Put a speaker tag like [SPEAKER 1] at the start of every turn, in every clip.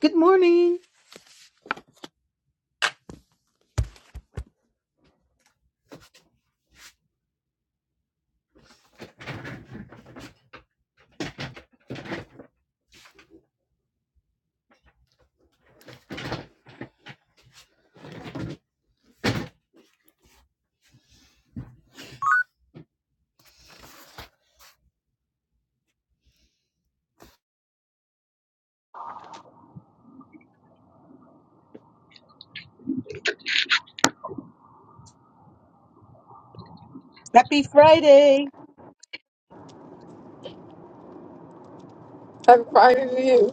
[SPEAKER 1] Good morning. Hey.
[SPEAKER 2] Happy Friday to you.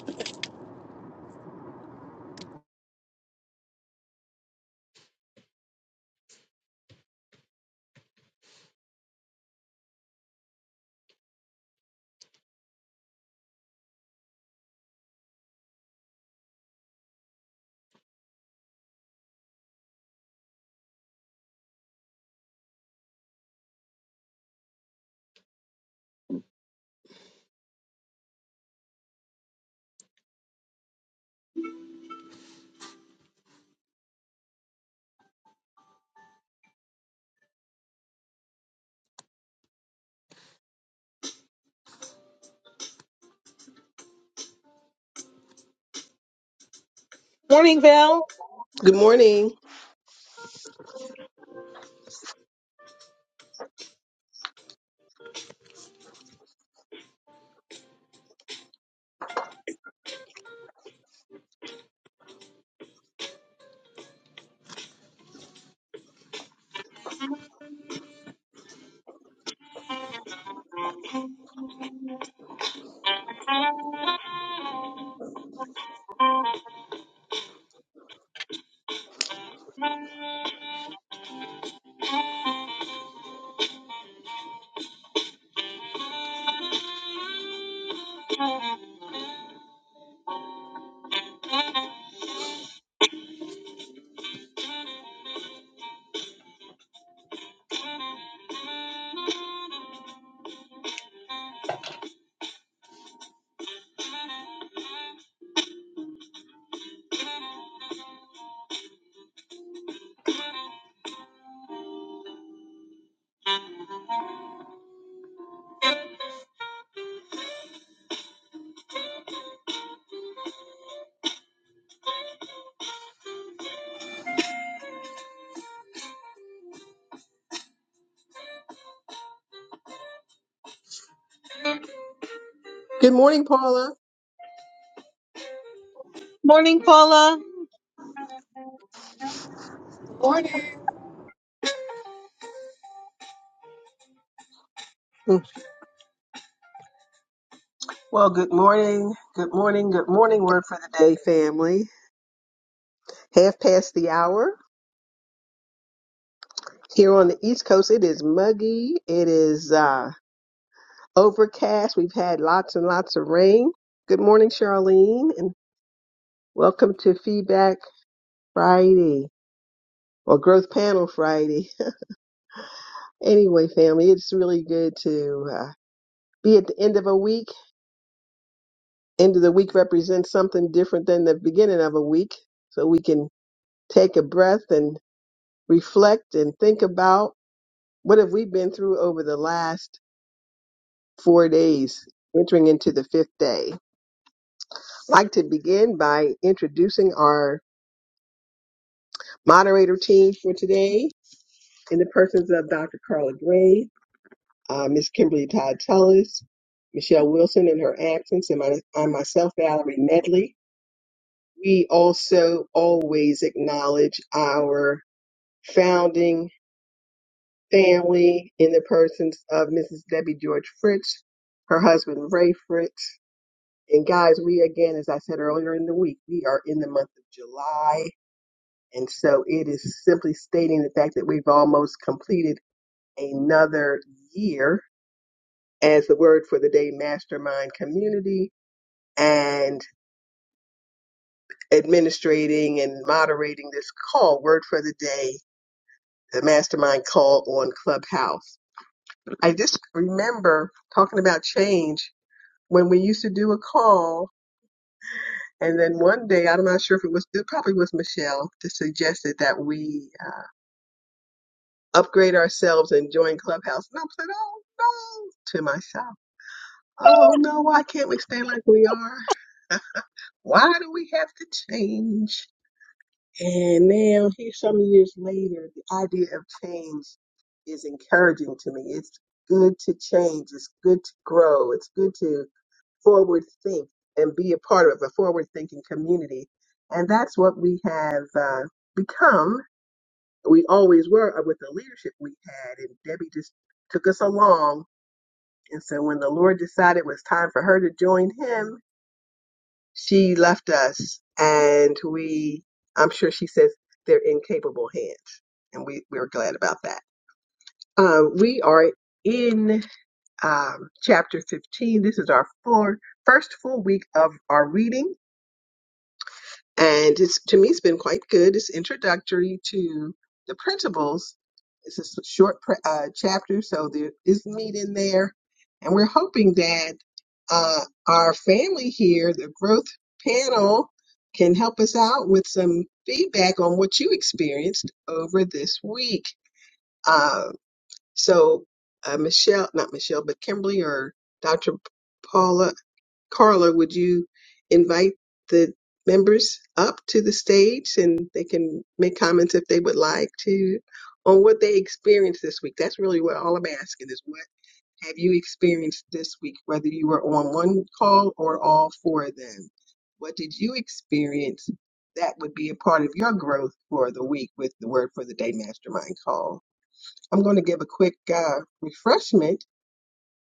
[SPEAKER 1] Morning, Val.
[SPEAKER 3] Good morning. Good morning, Paula.
[SPEAKER 1] Morning, Paula.
[SPEAKER 2] Morning.
[SPEAKER 3] Well, good morning. Good morning. Good morning, word for the day, family. Half past the hour. Here on the East Coast, it is muggy. It is uh, overcast. We've had lots and lots of rain. Good morning, Charlene, and welcome to Feedback Friday or Growth Panel Friday. anyway, family, it's really good to uh, be at the end of a week. End of the week represents something different than the beginning of a week, so we can take a breath and reflect and think about what have we been through over the last four days entering into the fifth day I'd like to begin by introducing our moderator team for today in the persons of dr carla gray uh, ms kimberly todd tullis michelle wilson in her absence and my, I myself valerie medley we also always acknowledge our founding family in the persons of Mrs. Debbie George Fritz, her husband Ray Fritz. And guys, we again, as I said earlier in the week, we are in the month of July. And so it is simply stating the fact that we've almost completed another year as the word for the day mastermind community and administrating and moderating this call, word for the day, the mastermind call on Clubhouse. I just remember talking about change when we used to do a call. And then one day, I'm not sure if it was, it probably was Michelle that suggested that we uh, upgrade ourselves and join Clubhouse. And I said, oh no, to myself. Oh no, why can't we stay like we are? Why do we have to change? And now, here some years later, the idea of change is encouraging to me. It's good to change. It's good to grow. It's good to forward think and be a part of a forward thinking community. And that's what we have uh, become. We always were uh, with the leadership we had, and Debbie just took us along. And so when the Lord decided it was time for her to join him, she left us, and we, I'm sure she says they're in capable hands, and we, we're glad about that. Uh, we are in um, chapter 15. This is our full, first full week of our reading and it's to me it's been quite good. It's introductory to the principles. It's a s- short pre- uh, chapter, so there is meat in there, and we're hoping that uh, our family here, the growth panel, can help us out with some feedback on what you experienced over this week. Uh, so, uh, Michelle, not Michelle, but Kimberly or Dr. Paula Carla, would you invite the members up to the stage and they can make comments if they would like to on what they experienced this week? That's really what all I'm asking is what have you experienced this week, whether you were on one call or all four of them? What did you experience that would be a part of your growth for the week with the Word for the Day Mastermind call? I'm going to give a quick uh, refreshment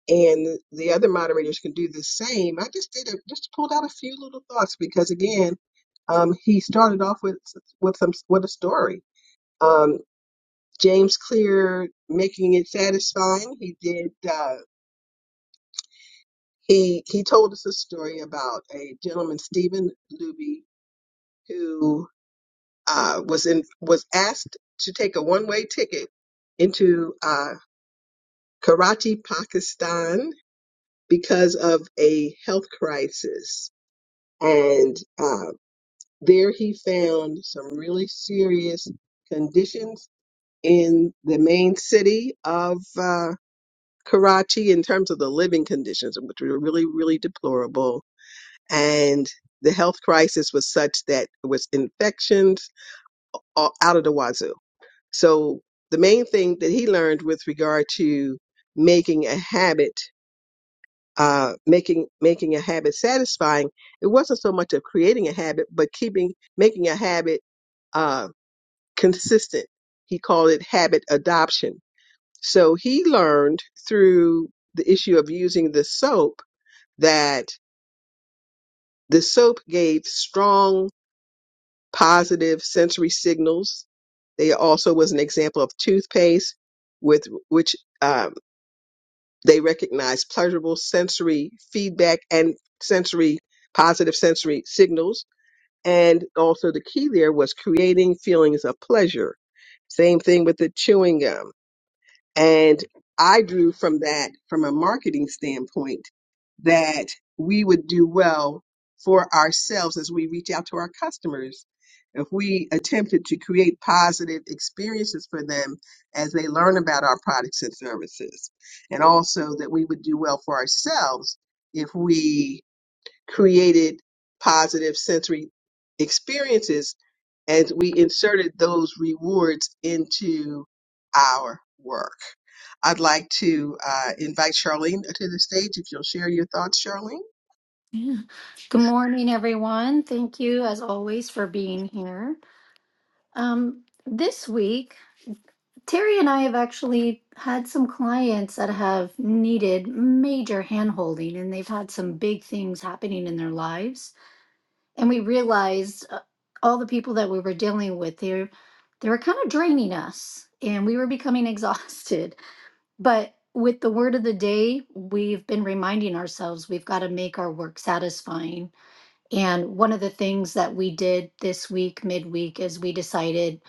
[SPEAKER 3] and the other moderators can do the same. I just did a, just pulled out a few little thoughts because again, um, he started off with with some with a story. Um, James Clear making it satisfying. He did. Uh, he he told us a story about a gentleman Stephen Luby who uh, was in was asked to take a one way ticket into uh, Karachi, Pakistan, because of a health crisis and uh, there he found some really serious conditions in the main city of uh, Karachi in terms of the living conditions, which were really, really deplorable. And the health crisis was such that it was infections a- out of the wazoo. So the main thing that he learned with regard to making a habit uh, making making a habit satisfying, it wasn't so much of creating a habit, but keeping making a habit uh, consistent. He called it habit adoption. So he learned through the issue of using the soap that the soap gave strong positive sensory signals. They also was an example of toothpaste, with which uh, They recognize pleasurable sensory feedback and sensory, positive sensory signals. And also the key there was creating feelings of pleasure. Same thing with the chewing gum and I drew from that, from a marketing standpoint, that we would do well for ourselves as we reach out to our customers. If we attempted to create positive experiences for them as they learn about our products and services, and also that we would do well for ourselves if we created positive sensory experiences as we inserted those rewards into our work. I'd like to uh, invite Charlene to the stage if you'll share your thoughts, Charlene.
[SPEAKER 4] Yeah. Good morning, everyone. Thank you, as always, for being here. Um, this week, Terry and I have actually had some clients that have needed major handholding, and they've had some big things happening in their lives. And we realized uh, all the people that we were dealing with, they they were kind of draining us, and we were becoming exhausted. But with the word of the day, we've been reminding ourselves we've got to make our work satisfying and one of the things that we did this week, midweek, is we decided,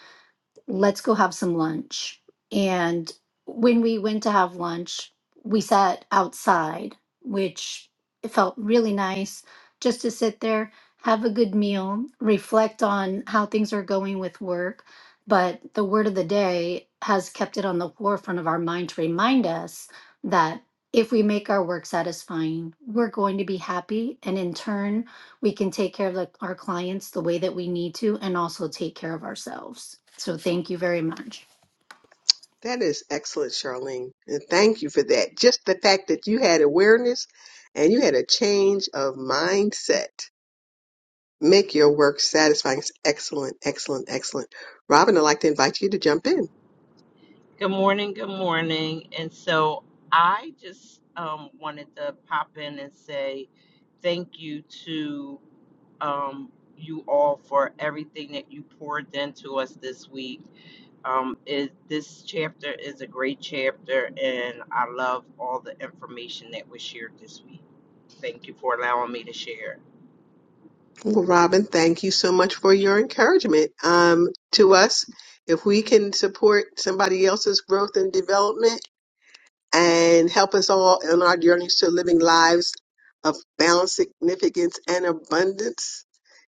[SPEAKER 4] let's go have some lunch. And when we went to have lunch, we sat outside, which it felt really nice just to sit there, have a good meal, reflect on how things are going with work. But the word of the day has kept it on the forefront of our mind to remind us that if we make our work satisfying, we're going to be happy. And in turn, we can take care of the- our clients the way that we need to and also take care of ourselves. So thank you very much.
[SPEAKER 3] That is excellent, Charlene. And thank you for that. Just the fact that you had awareness and you had a change of mindset. Make your work satisfying. It's Excellent, excellent, excellent. Robin, I'd like to invite you to jump in.
[SPEAKER 5] Good morning, good morning. And so I just um, wanted to pop in and say thank you to um, you all for everything that you poured into us this week. Um, it, this chapter is a great chapter, and I love all the information that was shared this week. Thank you for allowing me to share.
[SPEAKER 3] Well, Robin, thank you so much for your encouragement um, to us. If we can support somebody else's growth and development and help us all on our journeys to living lives of balance, significance, and abundance,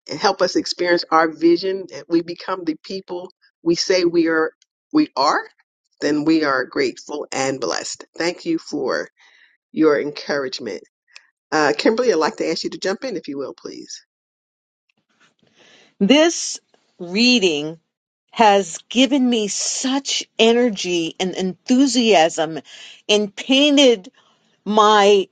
[SPEAKER 3] and help us experience our vision that we become the people we say we are, we are, then we are grateful and blessed. Thank you for your encouragement. Uh, Kimberly, I'd like to ask you to jump in, if you will, please.
[SPEAKER 1] This reading has given me such energy and enthusiasm and painted my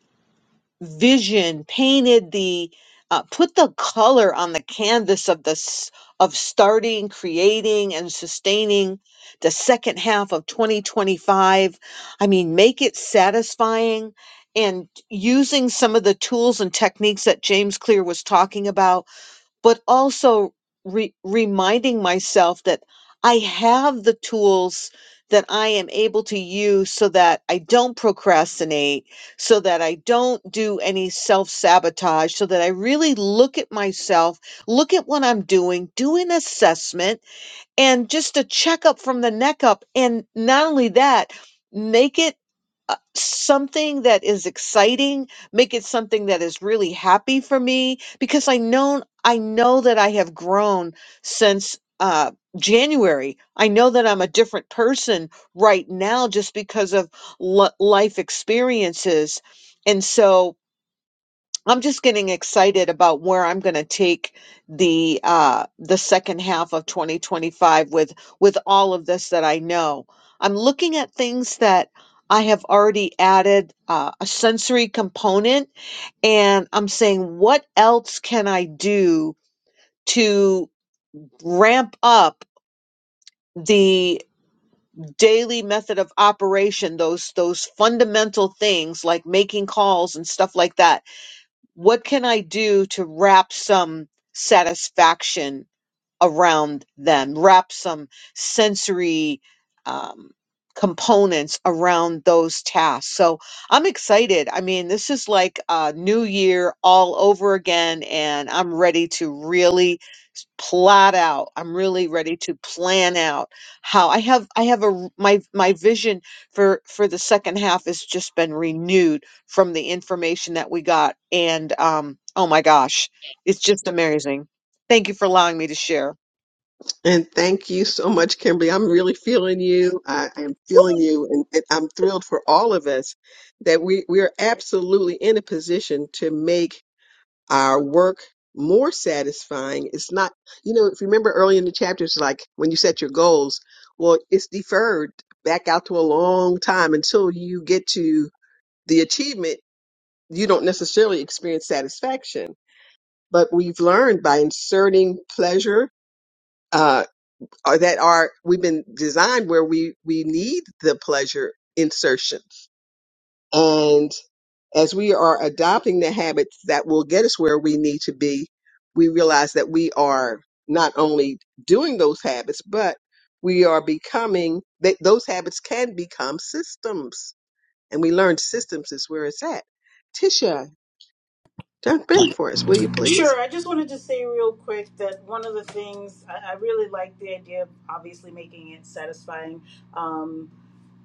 [SPEAKER 1] vision painted the uh, put the color on the canvas of the s- of starting creating and sustaining the second half of 2025 i mean make it satisfying and using some of the tools and techniques that james clear was talking about but also re- reminding myself that I have the tools that I am able to use so that I don't procrastinate, so that I don't do any self sabotage, so that I really look at myself, look at what I'm doing, do an assessment and just a checkup from the neck up. And not only that, make it uh, something that is exciting make it something that is really happy for me because i know i know that i have grown since uh january i know that i'm a different person right now just because of li life experiences and so I'm just getting excited about where I'm going to take the uh, the second half of 2025 with with all of this that I know. I'm looking at things that I have already added uh, a sensory component, and I'm saying, what else can I do to ramp up the daily method of operation? Those those fundamental things like making calls and stuff like that what can I do to wrap some satisfaction around them, wrap some sensory um, components around those tasks. So I'm excited. I mean, this is like a new year all over again, and I'm ready to really s- plot out. I'm really ready to plan out how I have I have a r- my my vision for for the second half has just been renewed from the information that we got and um oh my gosh, it's just amazing. Thank you for allowing me to share.
[SPEAKER 3] And thank you so much, Kimberly. I'm really feeling you. I, I am feeling you, and, and I'm thrilled for all of us that we we are absolutely in a position to make. our work more satisfying. It's not, you know, if you remember early in the chapters, like when you set your goals, well, it's deferred back out to a long time until you get to the achievement. You don't necessarily experience satisfaction, but we've learned by inserting pleasure, uh, or that are, we've been designed where we, we need the pleasure insertion. And as we are adopting the habits that will get us where we need to be, we realize that we are not only doing those habits, but we are becoming that those habits can become systems. And we learn systems is where it's at. Tisha, jump in for us, will you please?
[SPEAKER 6] Sure. I just wanted to say real quick that one of the things I, I really like the idea of obviously making it satisfying. Um,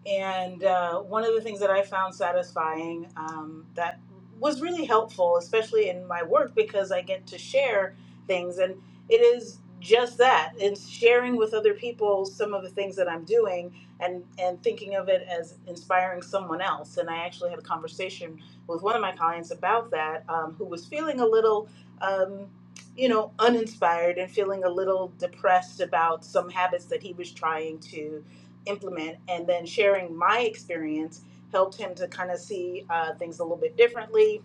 [SPEAKER 6] and uh, one of the things that I found satisfying um, that was really helpful, especially in my work, because I get to share things. And it is just that it's sharing with other people some of the things that I'm doing and, and thinking of it as inspiring someone else. And I actually had a conversation with one of my clients about that, um, who was feeling a little. Um, you know, uninspired and feeling a little depressed about some habits that he was trying to implement and then sharing my experience helped him to kind of see uh, things a little bit differently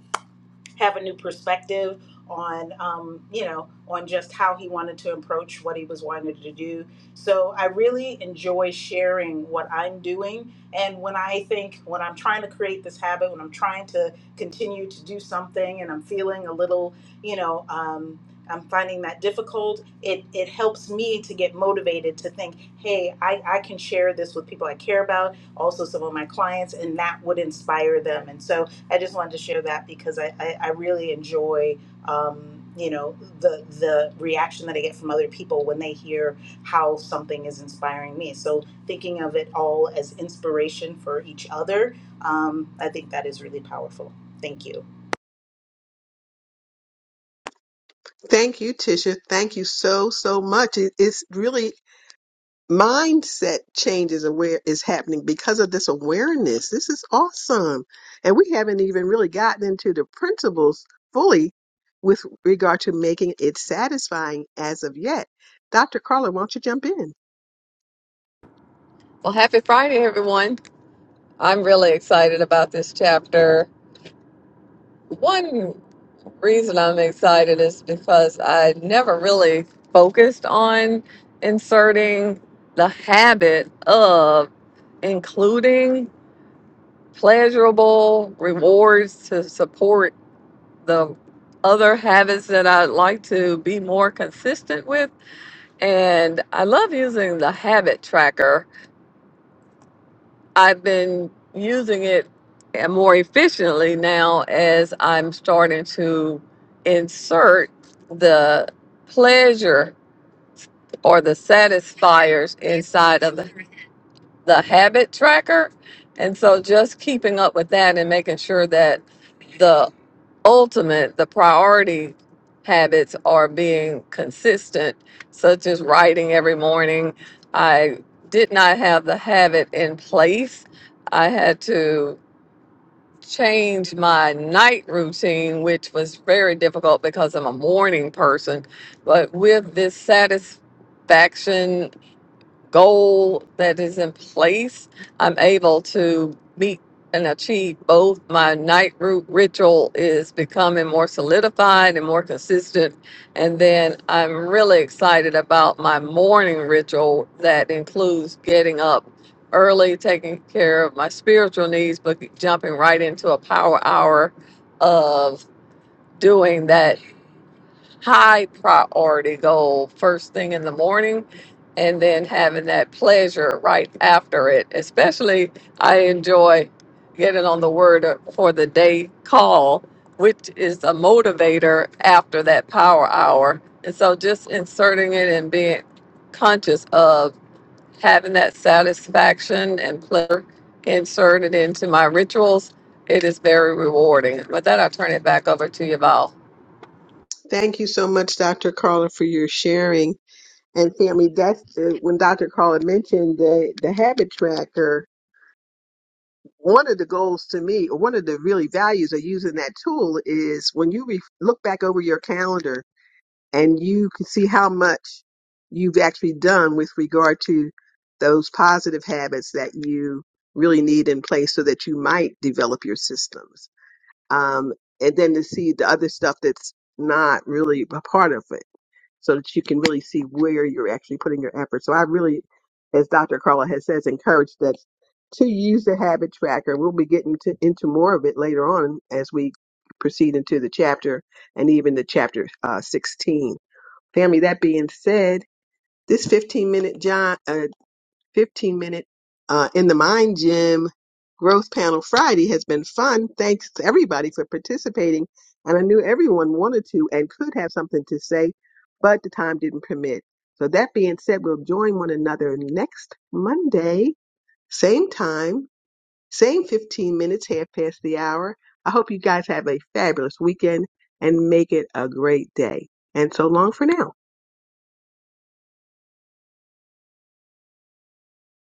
[SPEAKER 6] have a new perspective on um, you know on just how he wanted to approach what he was wanting to do so i really enjoy sharing what i'm doing and when i think when i'm trying to create this habit when i'm trying to continue to do something and i'm feeling a little you know um, i'm finding that difficult it it helps me to get motivated to think hey I, I can share this with people i care about also some of my clients and that would inspire them and so I just wanted to share that because I, I, I really enjoy um, you know the the reaction that I get from other people when they hear how something is inspiring me. So thinking of it all as inspiration for each other, um, I think that is really powerful. Thank you.
[SPEAKER 3] Thank you, Tisha. Thank you so, so much. It, it's really mindset change is aware is happening because of this awareness. This is awesome. And we haven't even really gotten into the principles fully with regard to making it satisfying as of yet. Dr. Carla, will not you jump in?
[SPEAKER 2] Well, happy Friday, everyone. I'm really excited about this chapter. One reason I'm excited is because I never really focused on inserting the habit of including pleasurable rewards to support the other habits that I'd like to be more consistent with. And I love using the habit tracker I've been using it more efficiently now as I'm starting to insert the pleasure or the satisfiers inside of the the habit tracker. And so just keeping up with that and making sure that the ultimate, the priority habits are being consistent, such as writing every morning. I did not have the habit in place. I had to change my night routine, which was very difficult because I'm a morning person. But with this satisfaction goal that is in place, I'm able to meet and achieve both. My night root ritual is becoming more solidified and more consistent. And then I'm really excited about my morning ritual that includes getting up early, taking care of my spiritual needs, but jumping right into a power hour of doing that high priority goal first thing in the morning and then having that pleasure right after it. Especially, I enjoy getting on the word for the day call, which is a motivator after that power hour. And so, just inserting it and being conscious of having that satisfaction and pleasure inserted into my rituals, it is very rewarding. With that, I'll turn it back over to you, Val.
[SPEAKER 3] Thank you so much, Dr. Carla, for your sharing. And Tammy, that's the, when Dr. Carla mentioned the, the habit tracker. One of the goals to me, or one of the really values of using that tool is when you re- look back over your calendar and you can see how much you've actually done with regard to those positive habits that you really need in place so that you might develop your systems. Um, and then to see the other stuff that's not really a part of it so that you can really see where you're actually putting your effort. So I really, as Dr. Carla has says, encourage that to use the habit tracker. We'll be getting to, into more of it later on as we proceed into the chapter and even the chapter uh, 16. Family, that being said, this 15 minute John uh, 15 minute uh, in the mind gym growth panel friday has been fun thanks to everybody for participating and i knew everyone wanted to and could have something to say but the time didn't permit so that being said we'll join one another next monday same time same 15 minutes half past the hour i hope you guys have a fabulous weekend and make it a great day and so long for now